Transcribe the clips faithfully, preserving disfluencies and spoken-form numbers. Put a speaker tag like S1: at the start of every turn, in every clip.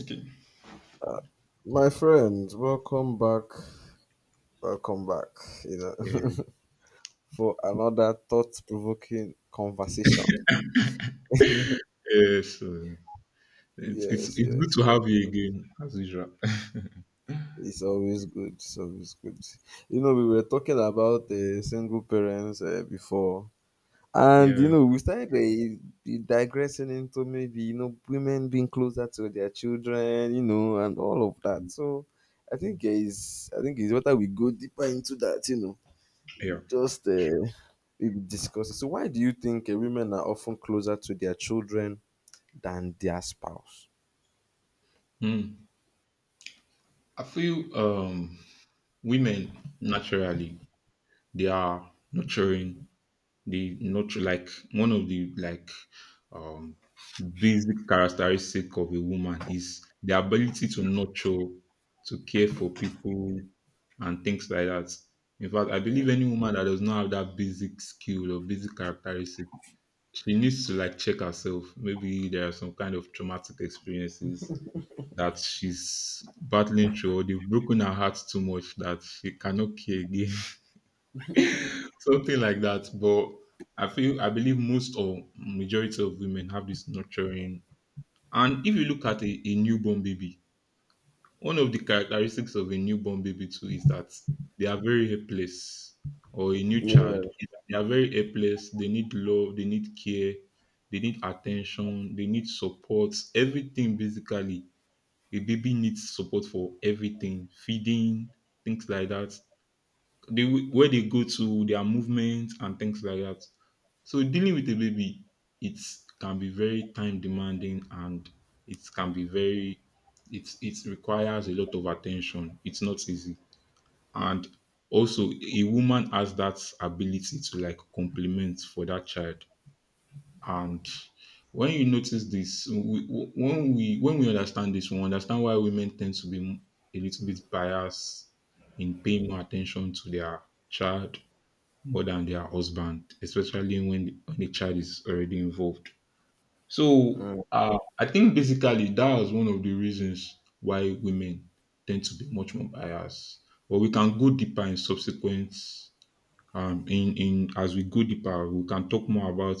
S1: Okay.
S2: My friends, welcome back. Welcome back, you
S1: Yeah.
S2: know, for another thought provoking conversation.
S1: Yeah, so it's it's
S2: Yes,
S1: it's good
S2: yes,
S1: to
S2: yes.
S1: have you again as usual.
S2: It's always good. It's always good. You know, we were talking about uh, single parents uh, before, and you
S1: Yeah.
S2: know, we started uh, digressing into maybe, you know, women being closer to their children, you know, and all of that. So I think uh, it's, I think it's better we go deeper into that, you know
S1: Yeah.
S2: Just uh, we discuss it. So, why do you think uh, women are often closer to their children than their spouse?
S1: Mm. I feel um women naturally, they are nurturing. They nurture, like, one of the, like, um basic characteristic of a woman is the ability to nurture, to care for people and things like that. In fact, I
S2: Yeah.
S1: believe any woman that does not have that basic skill or basic characteristic, she needs to, like, check herself. Maybe there are some kind of traumatic experiences that she's battling through, or they've broken her heart too much that she cannot care again, something like that. But I feel I believe most or majority of women have this nurturing. And if you look at a, a newborn baby, one of the characteristics of a newborn baby too is that they are very helpless, or a new
S2: Yeah.
S1: child. They are very helpless. They need love. They need care. They need attention. They need support. Everything basically. A baby needs support for everything, feeding, things like that, they where they go to, their movement and things like that. So dealing with a baby, it can be very time demanding, and it can be very it it requires a lot of attention. It's not easy. And also, a woman has that ability to, like, complement for that child. And when you notice this, we- when we when we understand this, we understand why women tend to be a little bit biased in paying more attention to their child more than their husband, especially when the, when the child is already involved. So,
S2: Mm.
S1: uh, I think basically that was one of the reasons why women tend to be much more biased. But we can go deeper in subsequent um in in as we go deeper, we can talk more about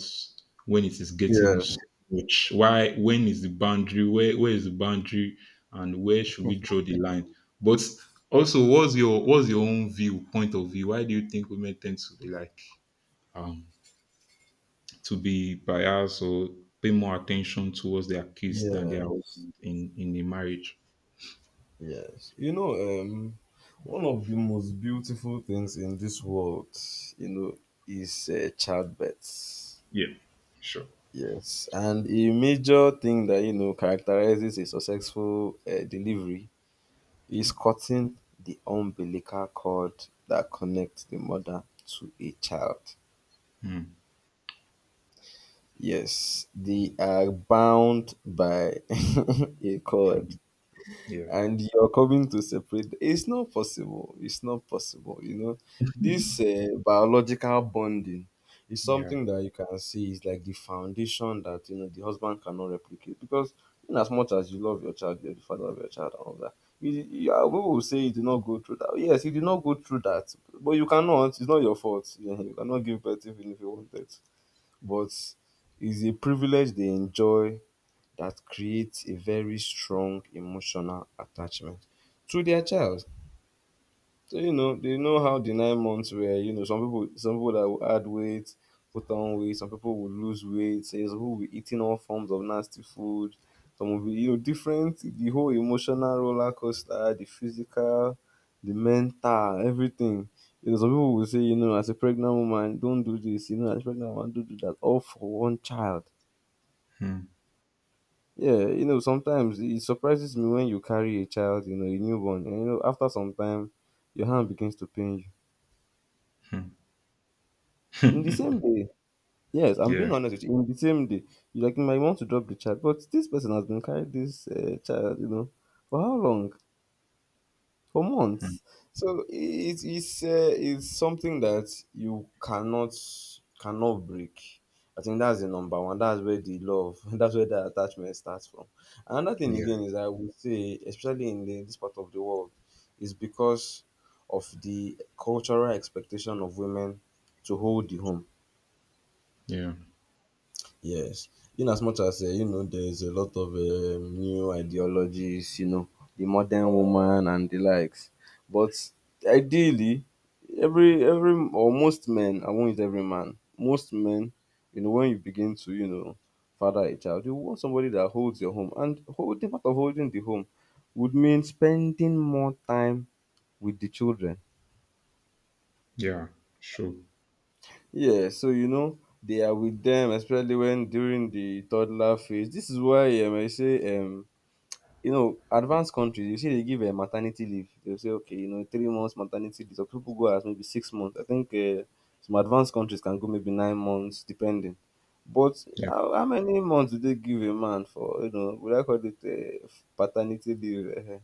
S1: when it is getting so
S2: Yes.
S1: much. Why When is the boundary? Where where is the boundary, and where should we draw the line? But also, what's your what's your own view, point of view? Why do you think women tend to be, like, um, to be biased or pay more attention towards their kids than their
S2: Yes.
S1: husband in in the marriage?
S2: Yes. You know, um, one of the most beautiful things in this world, you know, is uh, childbirth.
S1: Yeah, sure.
S2: Yes, and a major thing that you know characterizes a successful uh, delivery is cutting the umbilical cord that connects the mother to a child.
S1: Mm.
S2: Yes, they are bound by a cord.
S1: Mm. Yeah.
S2: And you're coming to separate, it's not possible, it's not possible. You know, this uh, biological bonding is
S1: Yeah.
S2: something that you can see is like the foundation that you know the husband cannot replicate, because in as much as you love your child, you're the father of your child and all that. You, you are, people will say you did not go through that. Yes, you did not go through that, but you cannot, it's not your fault. You cannot give birth even if you wanted, but it's a privilege they enjoy, that creates a very strong emotional attachment to their child. So you know, they know how the nine months were. You know, some people some people that will add weight, put on weight, some people will lose weight, so some people will be eating all forms of nasty food, some will be you know, different, the whole emotional roller coaster, the physical, the mental, everything. You know, some people will say, you know, as a pregnant woman, don't do this, you know, as a pregnant woman, don't do that, all for one child.
S1: Mm.
S2: Yeah, you know, sometimes it surprises me when you carry a child, you know, a newborn, and you know, after some time, your hand begins to pain you.
S1: Mm.
S2: In the same day, yes, I'm
S1: Yeah.
S2: being honest with you. In the same day, you like you might want to drop the child, but this person has been carrying this uh, child, you know, for how long? For
S1: Mm.
S2: months. So it is uh, it's something that you cannot cannot break. I think that's the number one. That's where the love, that's where the attachment starts from. Another thing
S1: Yeah.
S2: again, is I would say, especially in the, this part of the world, is because of the cultural expectation of women to hold the home.
S1: Yeah.
S2: Yes, in as much as uh, you know, there's a lot of um, new ideologies, you know, the modern woman and the likes. But ideally, every every or most men, I won't use every man, most men, you know, when you begin to you know father a child, you want somebody that holds your home, and holding, part of holding the home, would mean spending more time with the children.
S1: Yeah. Sure.
S2: Yeah, so you know they are with them, especially when during the toddler phase. This is why um, I say um you know, advanced countries, you see they give a maternity leave. They'll say, okay, you know, three months maternity leave. Some people go as maybe six months. I think uh, some advanced countries can go maybe nine months, depending. But
S1: Yeah.
S2: how, how many months do they give a man for, you know, would I call it uh, paternity leave? eh, eh.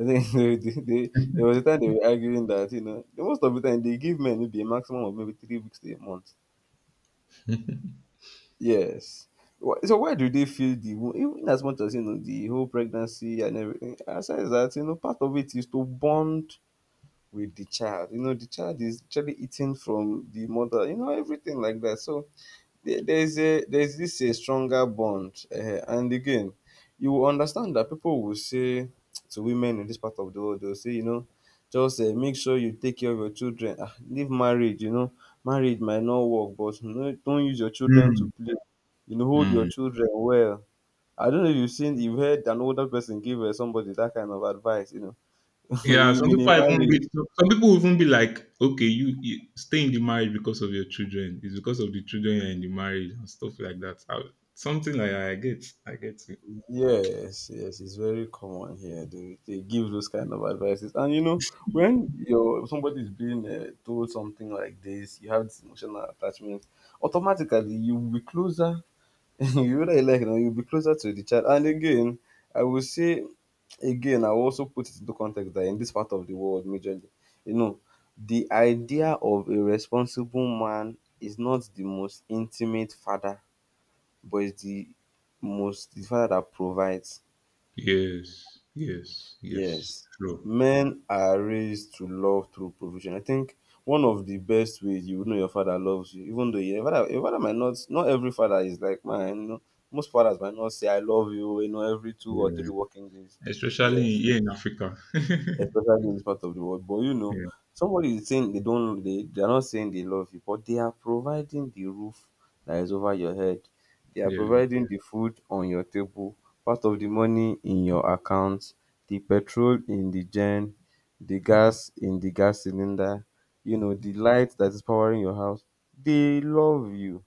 S2: I think they, they, they, there was a time they were arguing that, you know, the most of the time they give men maybe a maximum of maybe three weeks to a month. Yes. Wh- So why do they feel the wo- even as much as you know the whole pregnancy and everything? Aside that you know part of it is to bond with the child. You know the child is actually eating from the mother. You know everything like that. So there there is a there is this a stronger bond um and again you will understand that people will say to women in this part of the world. They will say, you know, just um make sure you take care of your children. Ah, leave marriage, you know, marriage might not work, but no, don't use your children to
S1: Mm.
S2: play, you know, hold your
S1: Mm.
S2: children well. I don't know if you've seen, you've heard an older person give um somebody that kind of advice, you know
S1: Yeah, some
S2: in
S1: people
S2: a
S1: are even
S2: marriage.
S1: be some people will even be like, okay, you, you stay in the marriage because of your children. It's because of the children you're in the marriage and stuff like that. I, something like I get, I get
S2: Yes, yes, it's very common here. They, they give those kind of advices, and you know, when your somebody is being uh, told something like this, you have this emotional attachment. Automatically, you will be closer. You really like now, you'll be closer to the child. And again, I will say, again, I will also put it into context that in this part of the world, majorly, you know, the idea of a responsible man is not the most intimate father, but it's the most, the father that provides.
S1: Yes, yes, yes.
S2: Yes,
S1: True.
S2: men are raised to love through provision. I think one of the best ways you will know your father loves you, even though your father, your father might not, not every father is like mine. You know, most fathers might not say "I love you" you know every two or three
S1: Yeah.
S2: working days.
S1: Especially
S2: Yes,
S1: here in Africa.
S2: especially in this part of the world. But you know,
S1: Yeah,
S2: somebody is saying they don't, they, they are not saying they love you, but they are providing the roof that is over your head. They are
S1: yeah,
S2: providing the food on your table, part of the money in your account, the petrol in the gen, the gas in the gas cylinder, you know, the light that is powering your house. They love you,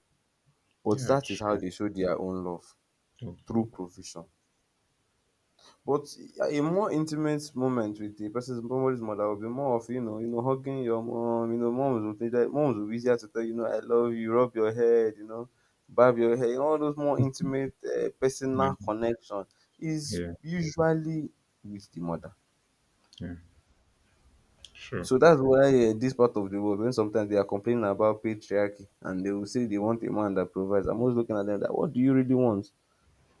S2: but
S1: yeah.
S2: that is how
S1: Sure.
S2: they show their own love through
S1: Okay.
S2: provision. But a more intimate moment with a person's somebody's mother will be more of, you know, you know, hugging your mom, you know, moms would be there, moms will be easier to tell, you know, I love you, rub your head, you know, barb your hair, you know, all those more intimate uh,
S1: Yeah,
S2: personal connection is
S1: yeah,
S2: usually with the mother.
S1: yeah. Sure.
S2: So that's why uh, this part of the world, when sometimes they are complaining about patriarchy and they will say they want a man that provides, I'm always looking at them like, what do you really want?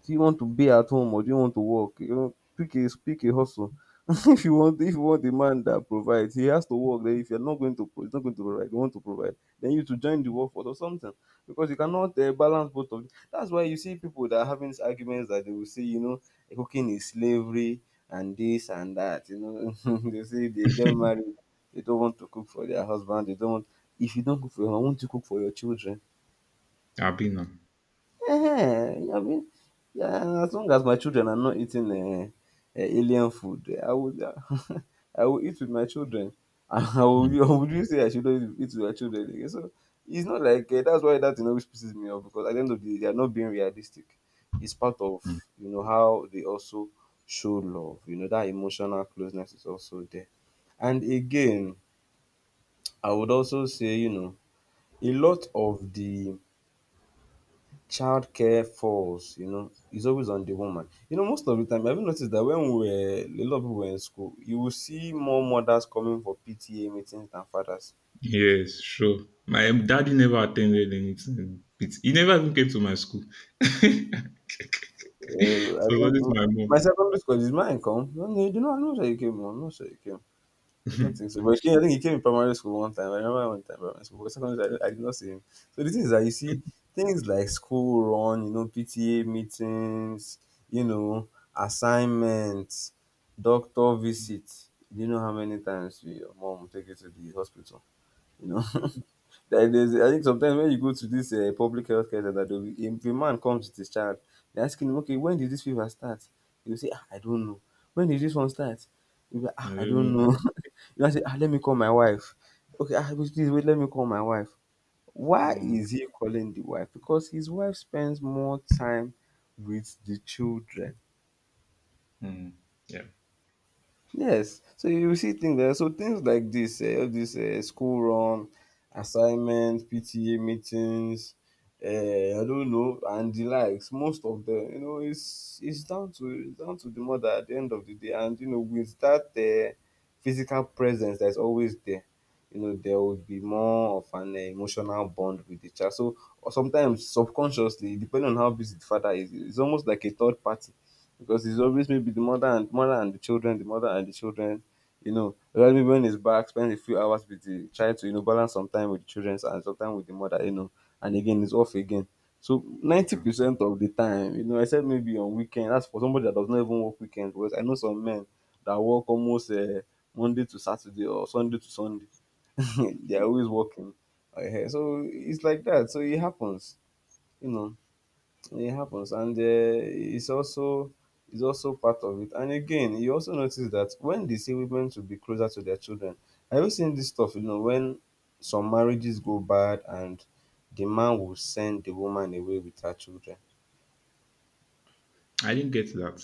S2: Do you want to be at home or do you want to work? You know, pick a pick a hustle. If you want, if you want a man that provides, he has to work. Then if you're not going to pro- he's not going to provide, you want to provide, then you to join the workforce or something, because you cannot uh, balance both of them. That's why you see people that are having these arguments that they will say, you know, "Eh, cooking is slavery and this and that." You know, they say they get married, they don't want to cook for their husband. They don't want. If you don't cook for your, I want to cook for your children.
S1: Abina.
S2: Eh, I mean, yeah, as long as my children are not eating uh, alien food, eh, I would, I will eat with my children. And I would,
S1: Mm.
S2: would you say I shouldn't eat with my children? Again? So it's not like uh, that's why that you know, which pisses me off, because at the end of the day, they are not being realistic. It's part of
S1: Mm.
S2: you know how they also show love. You know that emotional closeness is also there. And again, I would also say you know a lot of the childcare falls, you know, is always on the woman. You know, most of the time, I've noticed that when we were, a lot of people were in school, you will see more mothers coming for P T A meetings than fathers.
S1: Yes, sure. My daddy never attended anything. It's, he never even came to my school.
S2: Uh, I
S1: So what
S2: think
S1: is
S2: my,
S1: my
S2: my
S1: mom?
S2: secondary school is mine come. No, no, you do not know that you came on. Not sure you came. I don't think so. But he came, I think he came in primary school one time. I remember one time primary school. But secondary school, I, did- I did not see him. So the thing is that you see things like school run, you know, P T A meetings, you know, assignments, doctor visit. Do you know how many times your mom will take you to the hospital? You know. Like there's, I think sometimes when you go to this uh, public health care center, they'll be, if a man comes with his child, they ask him, okay, when did this fever start? He'll say, ah, I don't know. When did this one start? He'll be like,
S1: I
S2: ah,
S1: don't
S2: I don't
S1: know.
S2: know. You know, say, ah, let me call my wife. Okay, ah, wait, please wait, let me call my wife. Why
S1: Mm.
S2: is he calling the wife? Because his wife spends more time with the children.
S1: Mm. Yeah.
S2: Yes, so you will see things there. So things like this, uh, all this uh, school run, assignment, P T A meetings, uh, I don't know, and the likes. Most of them, you know, it's it's down to it's down to the mother at the end of the day. And you know, with that uh, physical presence that's always there, you know, there would be more of an uh, emotional bond with the child. So or sometimes subconsciously, depending on how busy the father is, it's almost like a third party, because it's always maybe the mother and mother and the children, the mother and the children. You know, rather maybe when he's back, spend a few hours with the try to you know balance some time with the children and some time with the mother. You know, and again it's off again. So ninety
S1: Yeah.
S2: percent of the time, you know, except maybe on weekend. That's for somebody that does not even work weekends. Because I know some men that work almost uh, Monday to Saturday or Sunday to Sunday. They are always working. Uh, so it's like that. So it happens. You know. It happens, and uh, it's also it's also part of it. And again, you also notice that when they say women should be closer to their children, have you seen this stuff? You know, when some marriages go bad and the man will send the woman away with her children.
S1: I didn't get that.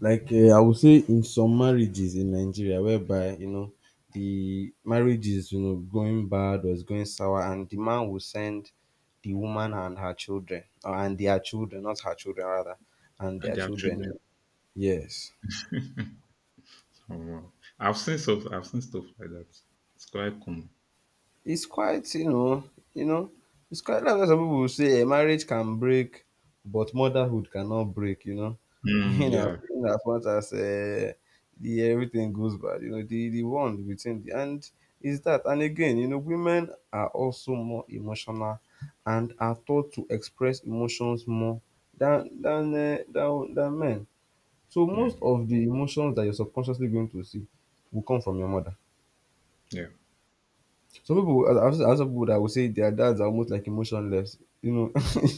S2: Like uh, I would say, in some marriages in Nigeria, whereby you know the marriage is you know going bad or is going sour, and the man will send the woman and her children, or and their children, not her children rather, and their
S1: Their
S2: children.
S1: children.
S2: Yes,
S1: Oh, wow. I've seen stuff I've seen stuff like that. It's quite common.
S2: it's quite you know, you know, it's quite like why some people will say a marriage can break, but motherhood cannot break. You know,
S1: Mm.
S2: in as,
S1: Yeah.
S2: in as much as uh, the everything goes bad, you know, the the one within the and is that. And again, you know, women are also more emotional and are taught to express emotions more than than uh, than, than men. So
S1: Yeah.
S2: most of the emotions that you're subconsciously going to see will come from your mother.
S1: Yeah.
S2: Some people, as I've seen I've seen people that will say their dads are almost like emotionless. You know,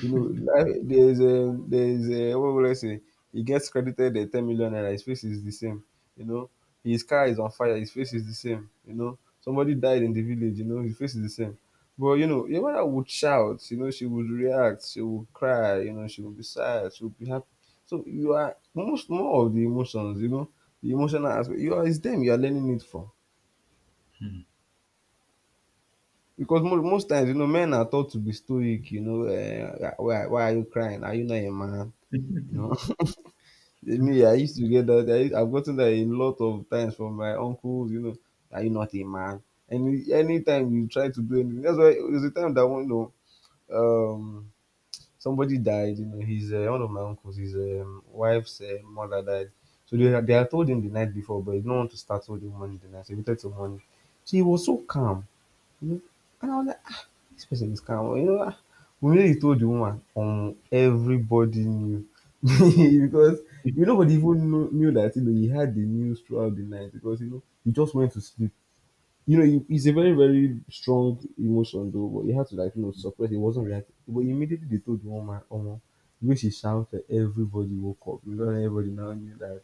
S2: you know, like, there's a, there's a, what would I say? He gets credited a ten million naira, his face is the same. You know, his car is on fire, his face is the same. You know, somebody died in the village, you know, his face is the same. But, you know, your mother would shout, you know, she would react, she would cry, you know, she would be sad, she would be happy. So you are most more of the emotions, you know, the emotional aspect. You are, it's them you are learning it from. Because most most times, you know, men are taught to be stoic, you know, uh, why, why are you crying? Are you not a man? You know, me, I used to get that. I, I've gotten that a lot of times from my uncles, you know, are you not a man? And you- anytime you try to do anything, that's why there's a time that one, you know, um, somebody died, you know, his, uh, one of my uncles, his um, wife's uh, mother died. So they, they had told him the night before, but he didn't want to start with the money the night. So he waited till morning. So he was so calm. You know? And I was like, ah, this person is calm. You know, ah, when he told the woman, um, everybody knew because you know, nobody even knew, knew that you know he had the news throughout the night, because you know he just went to sleep. You know, he, he's a very very strong emotion though, but he had to like you know suppress. He wasn't reacting, but immediately they told the woman, um, the way she shouted, everybody woke up. You know, everybody now knew that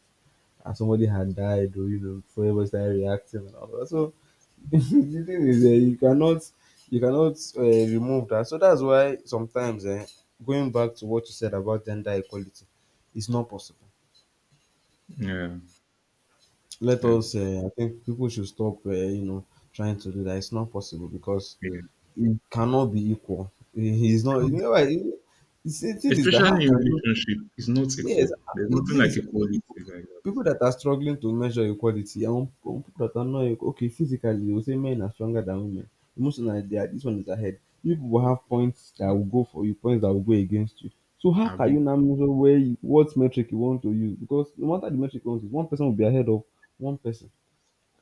S2: and somebody had died, or you know, so everybody started reacting and all that. So the thing is um you cannot you cannot uh, remove that. So that's why sometimes eh, going back to what you said about gender equality, it's not possible.
S1: Yeah.
S2: Let
S1: Yeah.
S2: us uh, I think people should stop um you know trying to do that. It's not possible, because
S1: Yeah.
S2: it cannot be equal. He he's
S1: It
S2: not, you
S1: can't-
S2: know why? He- It's, the thing is that how
S1: Especially in
S2: can you—
S1: relationship, it's not
S2: yes,
S1: equal.
S2: uh,
S1: There's
S2: the
S1: nothing
S2: thing is,
S1: like
S2: eh,
S1: equality
S2: people
S1: like that.
S2: people that are struggling to measure equality and people that are not equal, okay, physically, they will say men are stronger than women. Emotionally, they are, this one is ahead. You people will have points that will go for you, points that will go against you. So how
S1: I've
S2: can you
S1: been,
S2: now measure where you, what metric you want to use? Because no matter the metric you want to use, one person will be ahead of one person.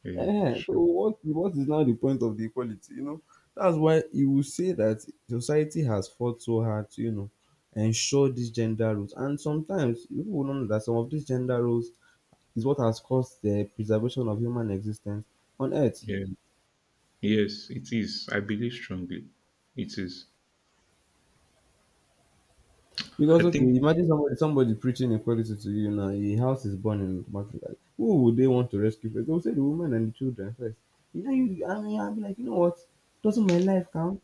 S1: yeah,
S2: Eh, so
S1: sure.
S2: what what is now the point of the equality? You know, that's why you will say that society has fought so hard to, you know, ensure these gender roles. And sometimes people will not know that some of these gender roles is what has caused the preservation of human existence on earth.
S1: Yeah, yes, it is. I believe strongly. It is. I
S2: Because okay,
S1: think.
S2: imagine somebody somebody preaching equality to you now, a house is burning automatically. Like, who would they want to rescue first? They will say the women and the children first. You know, you I mean I'll be like, you know what? Doesn't my life count?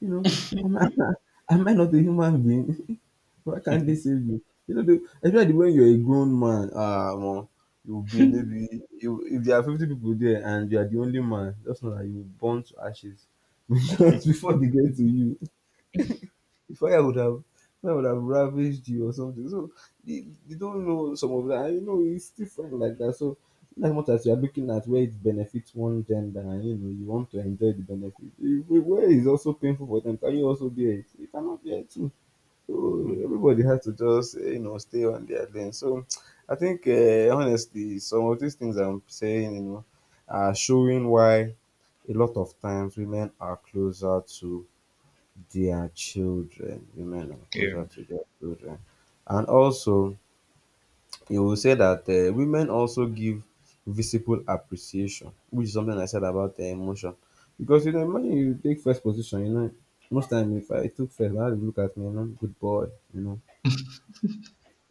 S2: You know, am I am I not a human being? Why can't they save me? You know, the- especially when you're a grown man, ah, well, you'll be maybe you, if there are fifty people there and you are the only man, just know that you will burn to ashes because before they get to you, the fire would have fire would have ravaged you or something. So they, they don't know some of that. And, you know, it's different like that. So as much as you are looking at where it benefits one gender and you know you want to enjoy the benefit, if where it's also painful for them, can you also bear it? You cannot bear it too. So
S1: Mm.
S2: everybody has to just eh, you know stay on their lane. So I think uh, honestly, some of these things I'm saying, you know, are showing why a lot of times women are closer to their children. Women are
S1: Yeah.
S2: closer to their children. And also, you will say that uh, women also give visible appreciation, which is something I said about the emotion. Because, you know, imagine you take first position, you know, most time if I took first, how they look at me, you know, good boy, you know,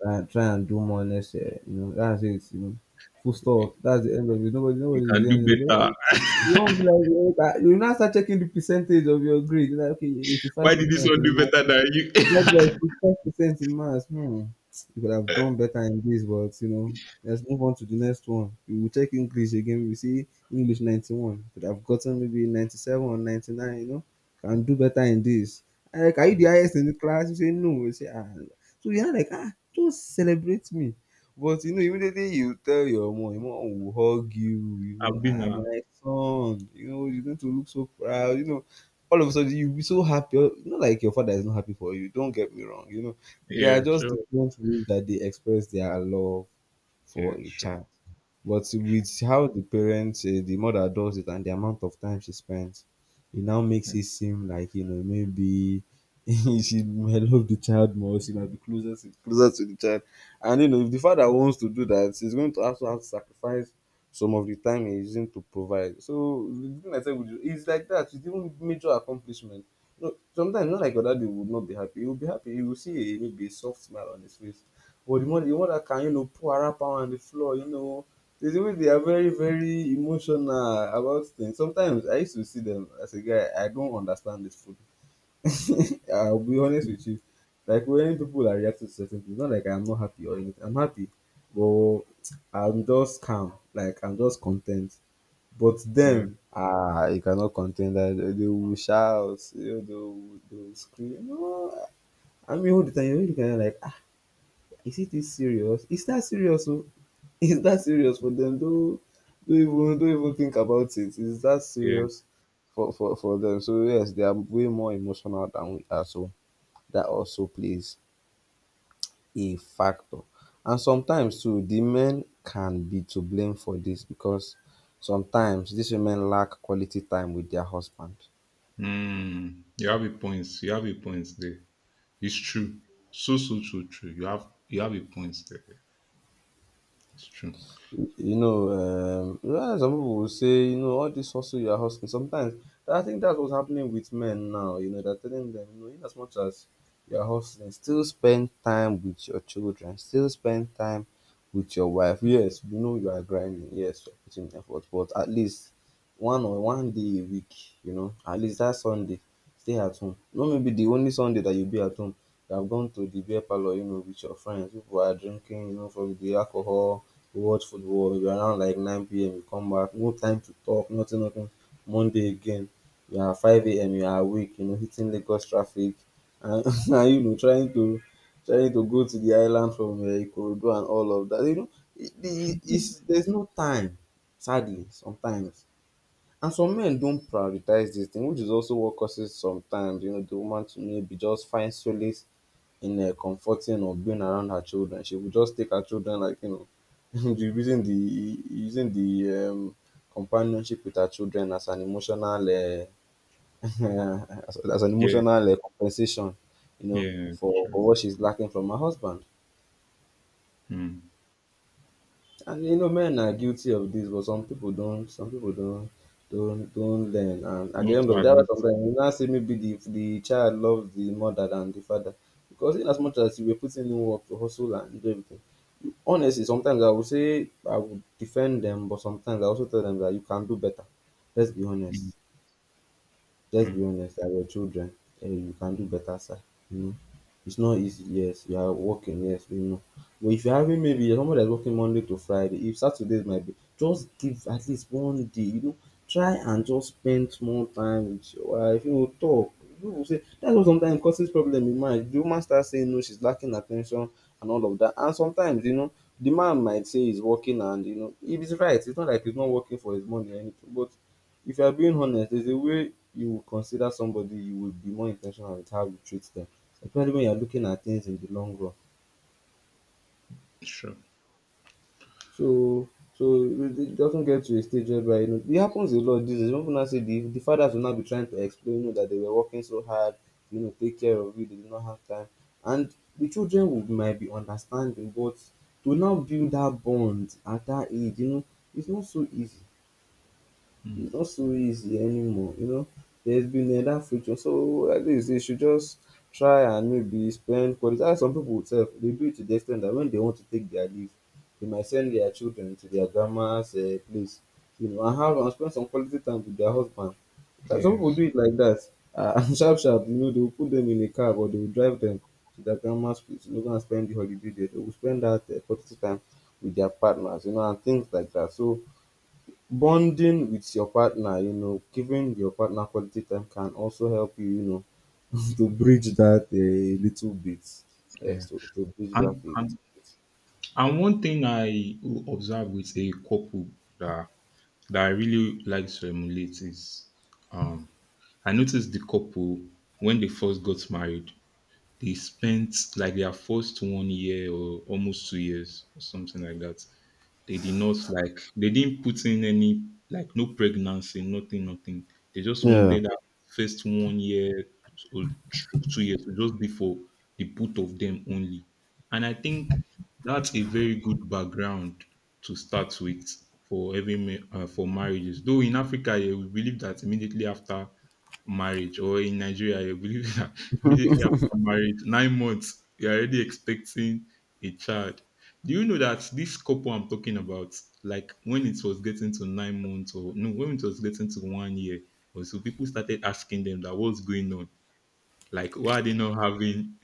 S2: try and, try and do more next year, you know, that's it, you know, full stop, that's the end of it. Nobody,
S1: You
S2: nobody is
S1: can do
S2: saying anything.
S1: better.
S2: But you won't be like, you know, you now start checking the percentage of your grade. You're like, okay,
S1: Why
S2: 85
S1: did this one do
S2: percent.
S1: better than you?
S2: Not like fifteen percent in maths. Hmm. You could have done better in this, but you know, let's move on to the next one. We will check English again. We see English ninety-one. Could have gotten maybe ninety-seven or ninety-nine, you know, can do better in this. I'm like, are you the
S1: Mm.
S2: highest in the class? You say, no. You say, ah. So you're like, ah, don't celebrate me. But you know, immediately you tell your mom, your mom will hug you, you know,
S1: I've been,
S2: ah,
S1: uh,
S2: my son, you know, you're going to look so proud, you know. All of a sudden you'll be so happy. Not like your father is not happy for you. Don't get me wrong. You know, there
S1: yeah,
S2: are just
S1: sure.
S2: different ways that they express their love
S1: Yeah,
S2: for a
S1: sure,
S2: child. But
S1: sure.
S2: with how the parents, uh, the mother does it and the amount of time she spends, it now makes
S1: Hmm.
S2: it seem like, you know, maybe she might love the child more, she might be closer to, closer to the child. And, you know, if the father wants to do that, he's going to also have to sacrifice some of the time he's using to provide. So, the thing I said with you, it's like that, it's even major accomplishment. You know, sometimes, not like your daddy would not be happy, he will be happy. He will see a, maybe a soft smile on his face. But the mother, the mother can, you know, pour her up on the floor, you know, there's a way they are very, very emotional about things. Sometimes I used to see them as a guy, I don't understand this food. I'll be honest with you. Like when people are reacting to certain things, not like I'm not happy or anything. I'm happy, but I'm just calm. Like I'm just content. But
S1: Yeah.
S2: them, ah, you cannot contain that. They they will shout, you know, they will, they will scream. No, I mean all the time. You're really looking at them like, is it this serious? Is that serious oh? Is that serious for dem? Don't don't even don't even think about it. Is that
S1: Yeah.
S2: serious for for for dem? So yes, they are way more emotional than we are. So that also plays a factor. And sometimes too the men can be to blame for this, because sometimes these women lack quality time with their husband.
S1: Mm, you have a point. You have a point there. It's true. So so so true. You have you have a point there. It's true.
S2: You know, um, you know, some people will say, you know, all this hustle you're hustling. Sometimes I think that's what's happening with men now. You know, they're telling them, you know, in as much as you're hustling, still spend time with your children, still spend time with your wife. Yes, you know you are grinding. Yes, you're putting effort, but at least one or one day a week, you know, at least that Sunday, stay at home. Not maybe the only Sunday that you'll be at home. You have gone to the beer parlor, you know, with your friends. People are drinking, you know, from the alcohol. We watch football, maybe around like nine p m you come back, no time to talk, nothing, nothing. Monday again, you are five a m you are awake, you know, hitting Lagos traffic and, and you know, trying to trying to go to the island from uh, Ikorodu and all of that. You know, it, it, it's, there's no time, sadly, sometimes. And some men don't prioritize this thing, which is also what causes sometimes, you know, the woman to maybe just find solace in uh, comforting or being around her children. She will just take her children, like, you know, the- using the using the um, companionship with her children as an emotional uh, as, as an
S1: Yeah.
S2: emotional uh, compensation, you know,
S1: Yeah.
S2: for,
S1: Sure.
S2: for what she's lacking from her husband.
S1: Mm.
S2: And you know men are guilty of this, but some people don't some people don't don't don't learn, and at the
S1: Not
S2: end of
S1: to
S2: the day
S1: admit.
S2: sometimes you now say maybe the the child loves the mother than the father, because in as much as you were putting in work to hustle and do everything, honestly sometimes I would say I would defend them, but sometimes I also tell them that you can do better. Let's be honest.
S1: Mm.
S2: Let's be
S1: Mm.
S2: honest, that we're children, and you can do better, sir. You know, it's not easy. Yes, you are working. Yes, we know. But if you're having maybe someone that's working Monday to Friday, if Saturdays might be, just give at least one day. You know, try and just spend small time with your wife. You know, talk. You know, say that's what sometimes causes problem in marriage. The woman starts saying no, she's lacking attention and all of that. And sometimes, you know, the man might say he's working, and you know, if he's right, it's not like he's not working for his money or anything. But if you are being honest, there's a way you would consider somebody, you will be more intentional with how you treat them, especially when you're looking at things in the long run.
S1: Sure.
S2: So, so it it doesn't get to a stage where, you know, it happens a lot these days. Some people now say the, the fathers will now be trying to explain, you know, that they were working so hard, you know, take care of you, they did not have time. And the children would, might be understanding, but to now build that bond at that age, you know, it's not so easy. It's not so easy anymore, you know. There's been um dat future, so like dis you should just try and maybe spend quality, dat's why some pipu sef dey do it to the ex ten t dat wen dey want to take dia leave, dey might send dia children to dia grandma's um place, you know, and have and spend some quality time wit dia husband. Uh, Some pipu
S1: Yes.
S2: do it like dat, and sharp sharp you know dey go put dem in a cab or dey go drive dem to dia grandma's place, you know, go and spend the holiday there. Dey go spend dat um quality time wit dia partners, you know, and things like dat. So bonding with your partner, you know, giving your partner quality time can also help you, you know, to bridge that a little bit. Yes,
S1: Yeah.
S2: to, to bridge that
S1: And
S2: a little
S1: and
S2: bit.
S1: and one thing I observe with a couple that that I really like to emulate is um I noticed the couple when they first got married, they spent like their first one year or almost two years or something like that. They did not like they didn't put in any, like, no pregnancy, nothing, nothing. They just
S2: Yeah.
S1: wanted that first one year or two two years to just be for the both of them only. And I think that's a very good background to start with for every ma- uh, for marriages. Though in Africa, yeah, we believe that immediately after marriage, or in Nigeria, you believe that immediately after marriage, nine months, you're already expecting a child. Do you know that this couple I'm talking about, like when it was getting to nine months, or no, when it was getting to one year or so, people started asking them that what's going on? Like, why are they not having?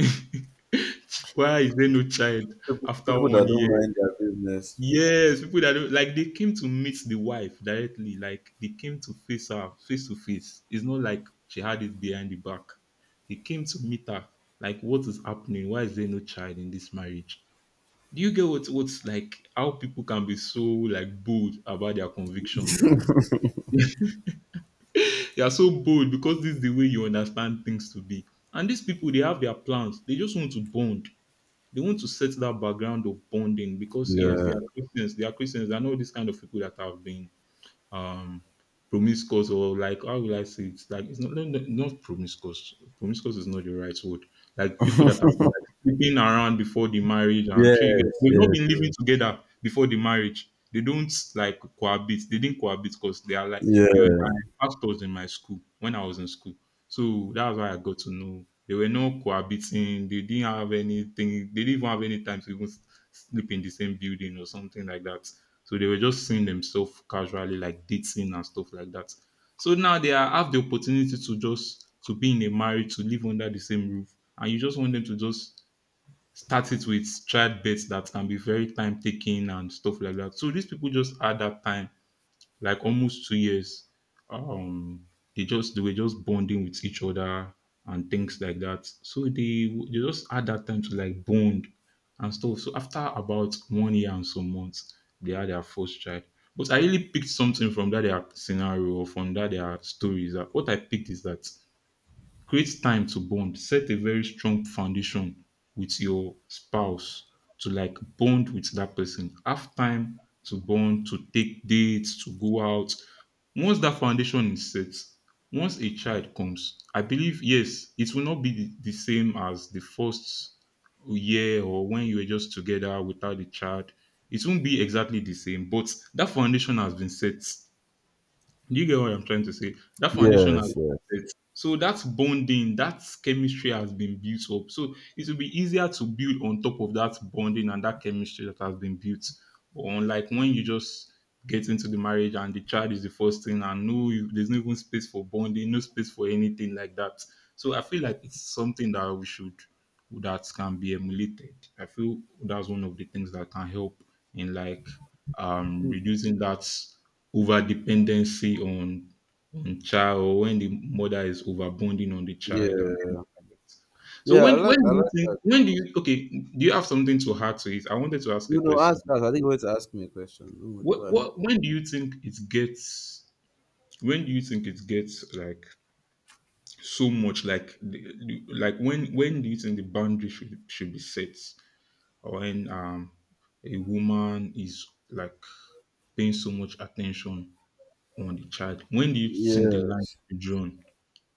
S1: Why is there no child
S2: People,
S1: after
S2: people that
S1: one
S2: don't
S1: year?
S2: mind their business.
S1: Yes, people that don't, like, they came to meet the wife directly. Like, they came to face her face to face. It's not like she had it behind the back. They came to meet her. Like, what is happening? Why is there no child in this marriage? Do you get what what's like how people can be so, like, bold about their convictions, and they are so bold because this is the way you understand things to be. And these people, they have their plans. They just want to bond. They want to set that background of bonding because yes, they
S2: Yeah.
S1: are Christians. They are Christians. They are not this kind of people that have been um promiscuous, or, like, how will I say it? Like, it's not, no, no, not promiscuous. Promiscuous is not the right word. Like, people that are, like, sleeping around before the marriage, and sure, you get,
S2: Yes.
S1: they've not been
S2: Yes.
S1: living together before the marriage. They don't, like, cohabit. They didn't cohabit because they are, like, they were
S2: Yeah.
S1: my pastors in my school when I was in school. So that's why I got to know they were not cohabiting. They didn't have anything. They didn't even have any time to even s- sleep in the same building or something like that. So they were just seeing themselves casually, like dating and stuff like that. So now they are, have the opportunity to just to be in a marriage, to live under the same roof, and you just want them to just start it with childbirth that can be very time taking and stuff like that. So these people just had that time like almost two years. Um, they just they were just bonding with each other and things like that. So they they just had that time to, like, bond and stuff. So after about one year and some months, they had their first child. But I really picked something from that their scenario or from that their stories. That what I picked is that: create time to bond, set a very strong foundation with your spouse, to, like, bond with that person, have time to bond, to take dates, to go out. Once that foundation is set, once a child comes, I believe, yes, it will not be the, the same as the first year or when you were just together without the child. It won't be exactly the same, but that foundation has been set. Do you get what I'm trying to say? That foundation has
S2: Yes. Yes.
S1: been set. So that bonding, that chemistry has been built up. So it will be easier to build on top of that bonding and that chemistry that has been built. But unlike when you just get into the marriage and the child is the first thing, and no, there's no even space for bonding, no space for anything like that. So I feel like it's something that we should, that can be emulated. I feel that's one of the things that can help in, like, um
S2: Mm.
S1: reducing that over dependency on on child, or when the mother is overbonding on the child and
S2: Yeah.
S1: things like that. So,
S2: Yeah, I
S1: when when
S2: like I
S1: do you
S2: like
S1: think
S2: that.
S1: when do you okay, do you have something to add to it? I wanted to ask a
S2: You know,
S1: question.
S2: ask us. I think you're going to ask me a question. Oh my
S1: What
S2: god.
S1: what when do you think it gets when do you think it gets, like, so much, like, the- the- like, when when do you think the boundary should should be set, or when um a woman is, like, paying so much attention on the child? When do you think the line
S2: Yes.
S1: should be drawn?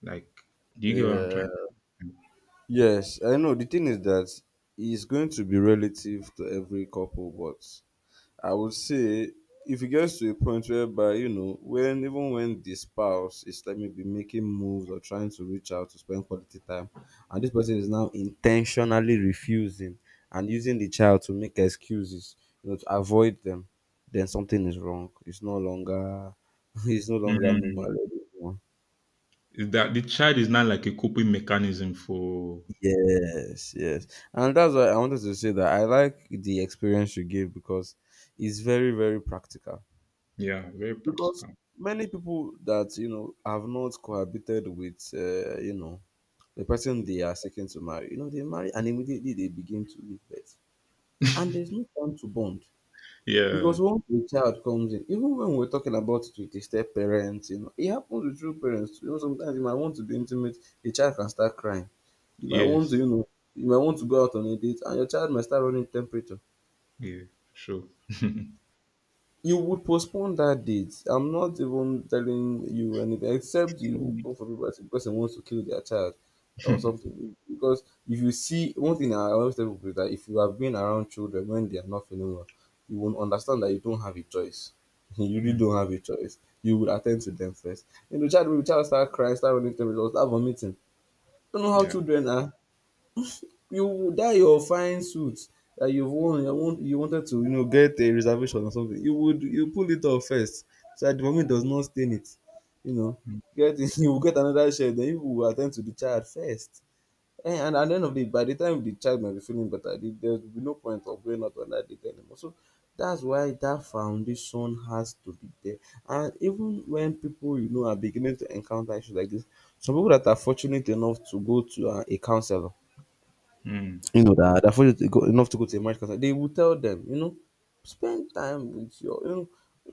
S1: Like, do you get what I'm
S2: Yeah.
S1: trying to—
S2: Yes, I know. The thing is that it's going to be relative to every couple, but I would say if it gets to a point whereby, you know, when even when the spouse is like maybe making moves or trying to reach out to spend quality time, and this person is now intentionally refusing and using the child to make excuses, you know, to avoid them, then something is wrong. It's no longer It's no longer normal
S1: Mm.
S2: anymore.
S1: Is that the child is not, like, a coping mechanism for—
S2: Yes, yes. And that's why I wanted to say that I like the experience you give, because it's very, very practical.
S1: yeah, very
S2: Because
S1: practical.
S2: many people that, you know, have not cohabited with, uh, you know, the person they are seeking to marry, you know, they marry and immediately they begin to live it. And there's no time to bond.
S1: Yeah,
S2: Because once a child comes in, even when we're talking about it with a step parents, you know, it happens with true parents. You know, sometimes you might want to be intimate, a child can start crying. You might want to,
S1: yes,
S2: you know, you might want to go out on a date and your child might start running temperature.
S1: yeah, sure.
S2: You would postpone that date. I'm not even telling you anything except you
S1: Mm.
S2: go for people that say person wants to kill their child or something. Because if you see one thing I always tell people is that if you have been around children when they are not feeling well, you will understand that you don't have a choice. You really
S1: Mm.
S2: don't have a choice. You will attend to them first. And the child will child start crying, start running, start vomiting. You don't know how
S1: Yeah.
S2: children are. You that your fine suit that you've worn you want you wanted to, you know, get a reservation or something, you would you pull it off first so that the vomit does not stain it, you know, get you will get another shirt, then you will attend to the child first, eh, and at the end of the by the time the child might be feeling better, the there will be no point of going out on that date anymore. So that's why that foundation has to be there. And even when people, you know, are beginning to encounter issues like this, some people that are fortunate enough to go to um a counsellor,
S1: Mm.
S2: you know, that they're fortunate go, enough to go to a marriage counselor, they will tell them, you know, spend time with your, you know,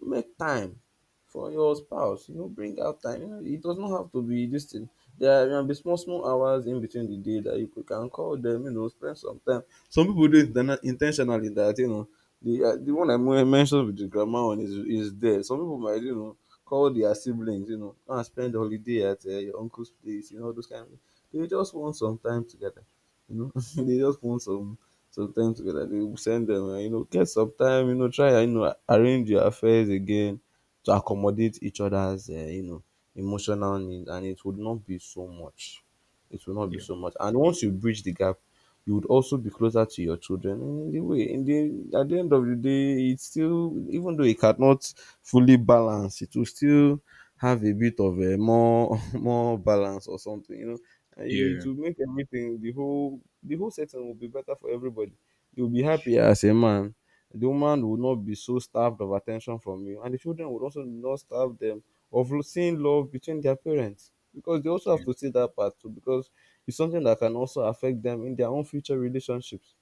S2: make time for your spouse. You know, bring out time. You know, it does not have to be this thing. There can be small, small hours in between the day that you could- can call them. You know, spend some time. Some people do it then- intentionally. That, you know, the uh, the one I men- mentioned with the grandma one is is there. Some people might, you know, call their siblings. You know, go and spend the holiday at uh, your uncle's place. You know, those kind of. They just want some time together, you know, they just want some some time together. They will send them, uh, you know, get some time, you know, try, you know, arrange your affairs again to accommodate each other's, uh, you know, emotional needs, and it would not be so much. It will not be
S1: Yeah.
S2: so much. And once you bridge the gap, you would also be closer to your children in the way. In the at the end of the day, it's still even though it cannot fully balance, it will still have a bit of a more more balance or something. You know, and it
S1: Yeah.
S2: will make everything the whole the whole setting will be better for everybody. You'll be
S1: Sh-
S2: happy as a man. The woman will not be so starved of attention from you, and the children will also not starve them of lo- seeing love between their parents, because they also have
S1: yeah.
S2: to see that part too, because it's something that can also affect them in their own future relationships.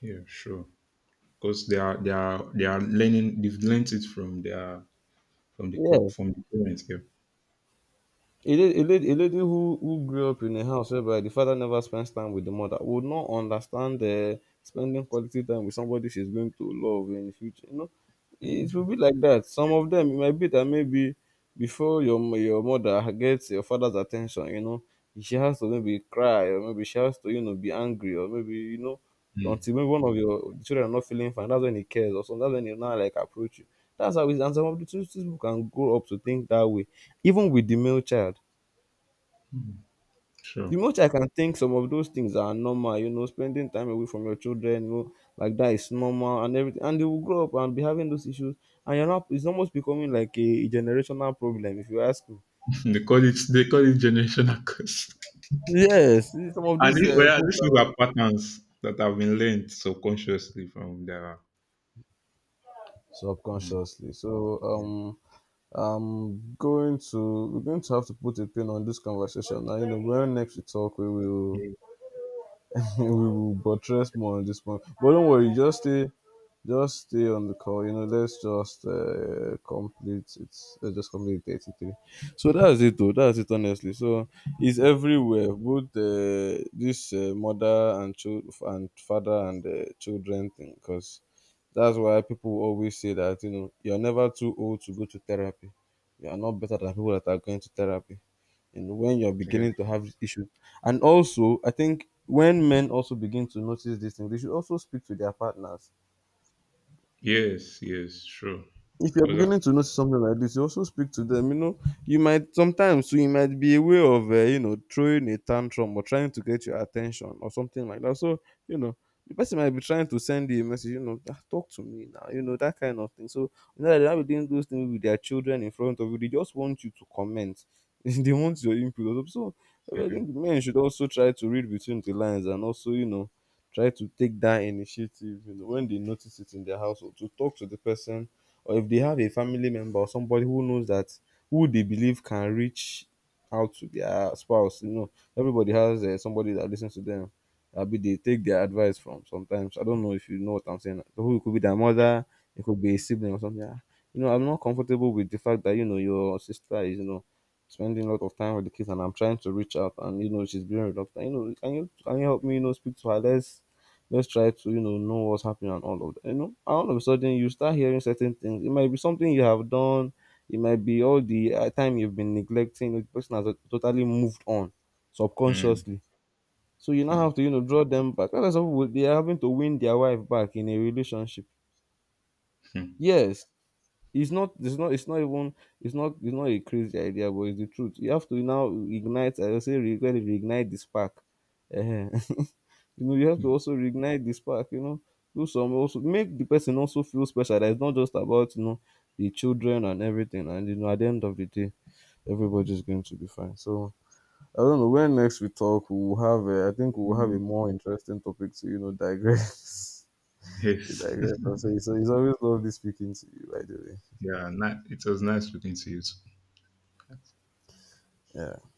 S1: Yeah. Sure. Because they are they are they are learning. They've learned it from their from the co-
S2: Yes.
S1: from the parents. Yeah.
S2: A lady, a lady, a lady who, who grew up in a house whereby the father never spends time with the mother would not understand the spending quality time with somebody she's going to love in the future. You know, it will be like that. Some of them, it might be that maybe before your m- your mother gets your father's attention, you know, she has to maybe cry, or maybe she has to, you know be angry, or maybe you know
S1: Mm.
S2: until maybe one of your children are not feeling fine. That's when he cares or something. That's when he now like approach you. That's how it is. And some of the children can grow up to think that way, even with the male child. The
S1: Sure.
S2: male child can think some of those things are normal, you know, spending time away from your children, you know, like that is normal and everything. And they will grow up and be having those issues. And you're not, it's almost becoming like a generational problem, if you ask me.
S1: they call it they call it generational curse.
S2: Yes, some of
S1: And
S2: these
S1: thi-
S2: uh,
S1: whereas
S2: quotes
S1: these things
S2: are-
S1: are patterns that have been learned subconsciously from their. Mm.
S2: subconsciously. So,
S1: Yeah.
S2: um, I'm going to we're going to have to put a pin on this conversation now. You know, when next we talk, we will
S1: Yeah.
S2: we will buttress more on this point. But don't worry, just stay. Just stay on the call. You know, let's just uh, complete it. Let's just complete the eighty-three. So that's it, though. That's it, honestly. So it's everywhere. Both uh, this uh, mother and child and father and uh, children thing, because that's why people always say that, you know, you're never too old to go to therapy. You are not better than people that are going to therapy. And when you're
S1: Yeah.
S2: beginning to have issues, and also I think when men also begin to notice these things, they should also speak to their partners.
S1: Yes, yes, sure.
S2: If you're
S1: Because
S2: beginning to notice something like this, you also speak to them, you know. You might sometimes, so it might be a way of, uh, you know, throwing a tantrum or trying to get your attention or something like that. So, you know, the person might be trying to send you a message, you know, "Ah, talk to me now," you know, that kind of thing. So you know that they're not doing those things with their children in front of you. They just want you to comment. They want your input also. So I think men should also try to read between the lines and also, you know, try to take that initiative, you know, when they notice it in their household, to talk to the person, or if they have a family member or somebody who knows that, who they believe can reach out to their spouse. You know, everybody has uh, somebody that listens to them, abi, they take their advice from sometimes. I don't know if you know what I'm saying. So who, it could be their mother, it could be a sibling or something. Ah, you know, I'm not comfortable with the fact that, you know, your sister is, you know, spending a lot of time with the kids, and I'm trying to reach out, and, you know, she's being reluctant. You know, can you, can you help me, you know, speak to her. let's let's try to, you know know what's happening and all of that, you know. And all of a sudden you start hearing certain things. It might be something you have done. It might be all the uh, time you've been neglecting the person has uh, totally moved on
S1: Mm.
S2: subconsciously. So you now
S1: Mm.
S2: have to, you know, draw them back. That's why they are having to win their wife back in a relationship.
S1: Mm.
S2: Yes. It's not it's not it's not even, it's not it's not a crazy idea, but it's the truth. You have to now ignite, I would say re- kind of reignite the spark. Uh-huh. You know, you have to also reignite the spark, you know, do some, also make the person also feel special, that it's not just about, you know, the children and everything. And, you know, at the end of the day, everybody's going to be fine. So, I don't know. When next we talk, we'll have, a, I think we'll have a
S1: Mm.
S2: more interesting topic to, you know, digress. To
S1: Yes.
S2: digress. So, it's, it's always lovely speaking to you, by the way.
S1: Yeah, ni- it was nice speaking to you too.
S2: Yeah.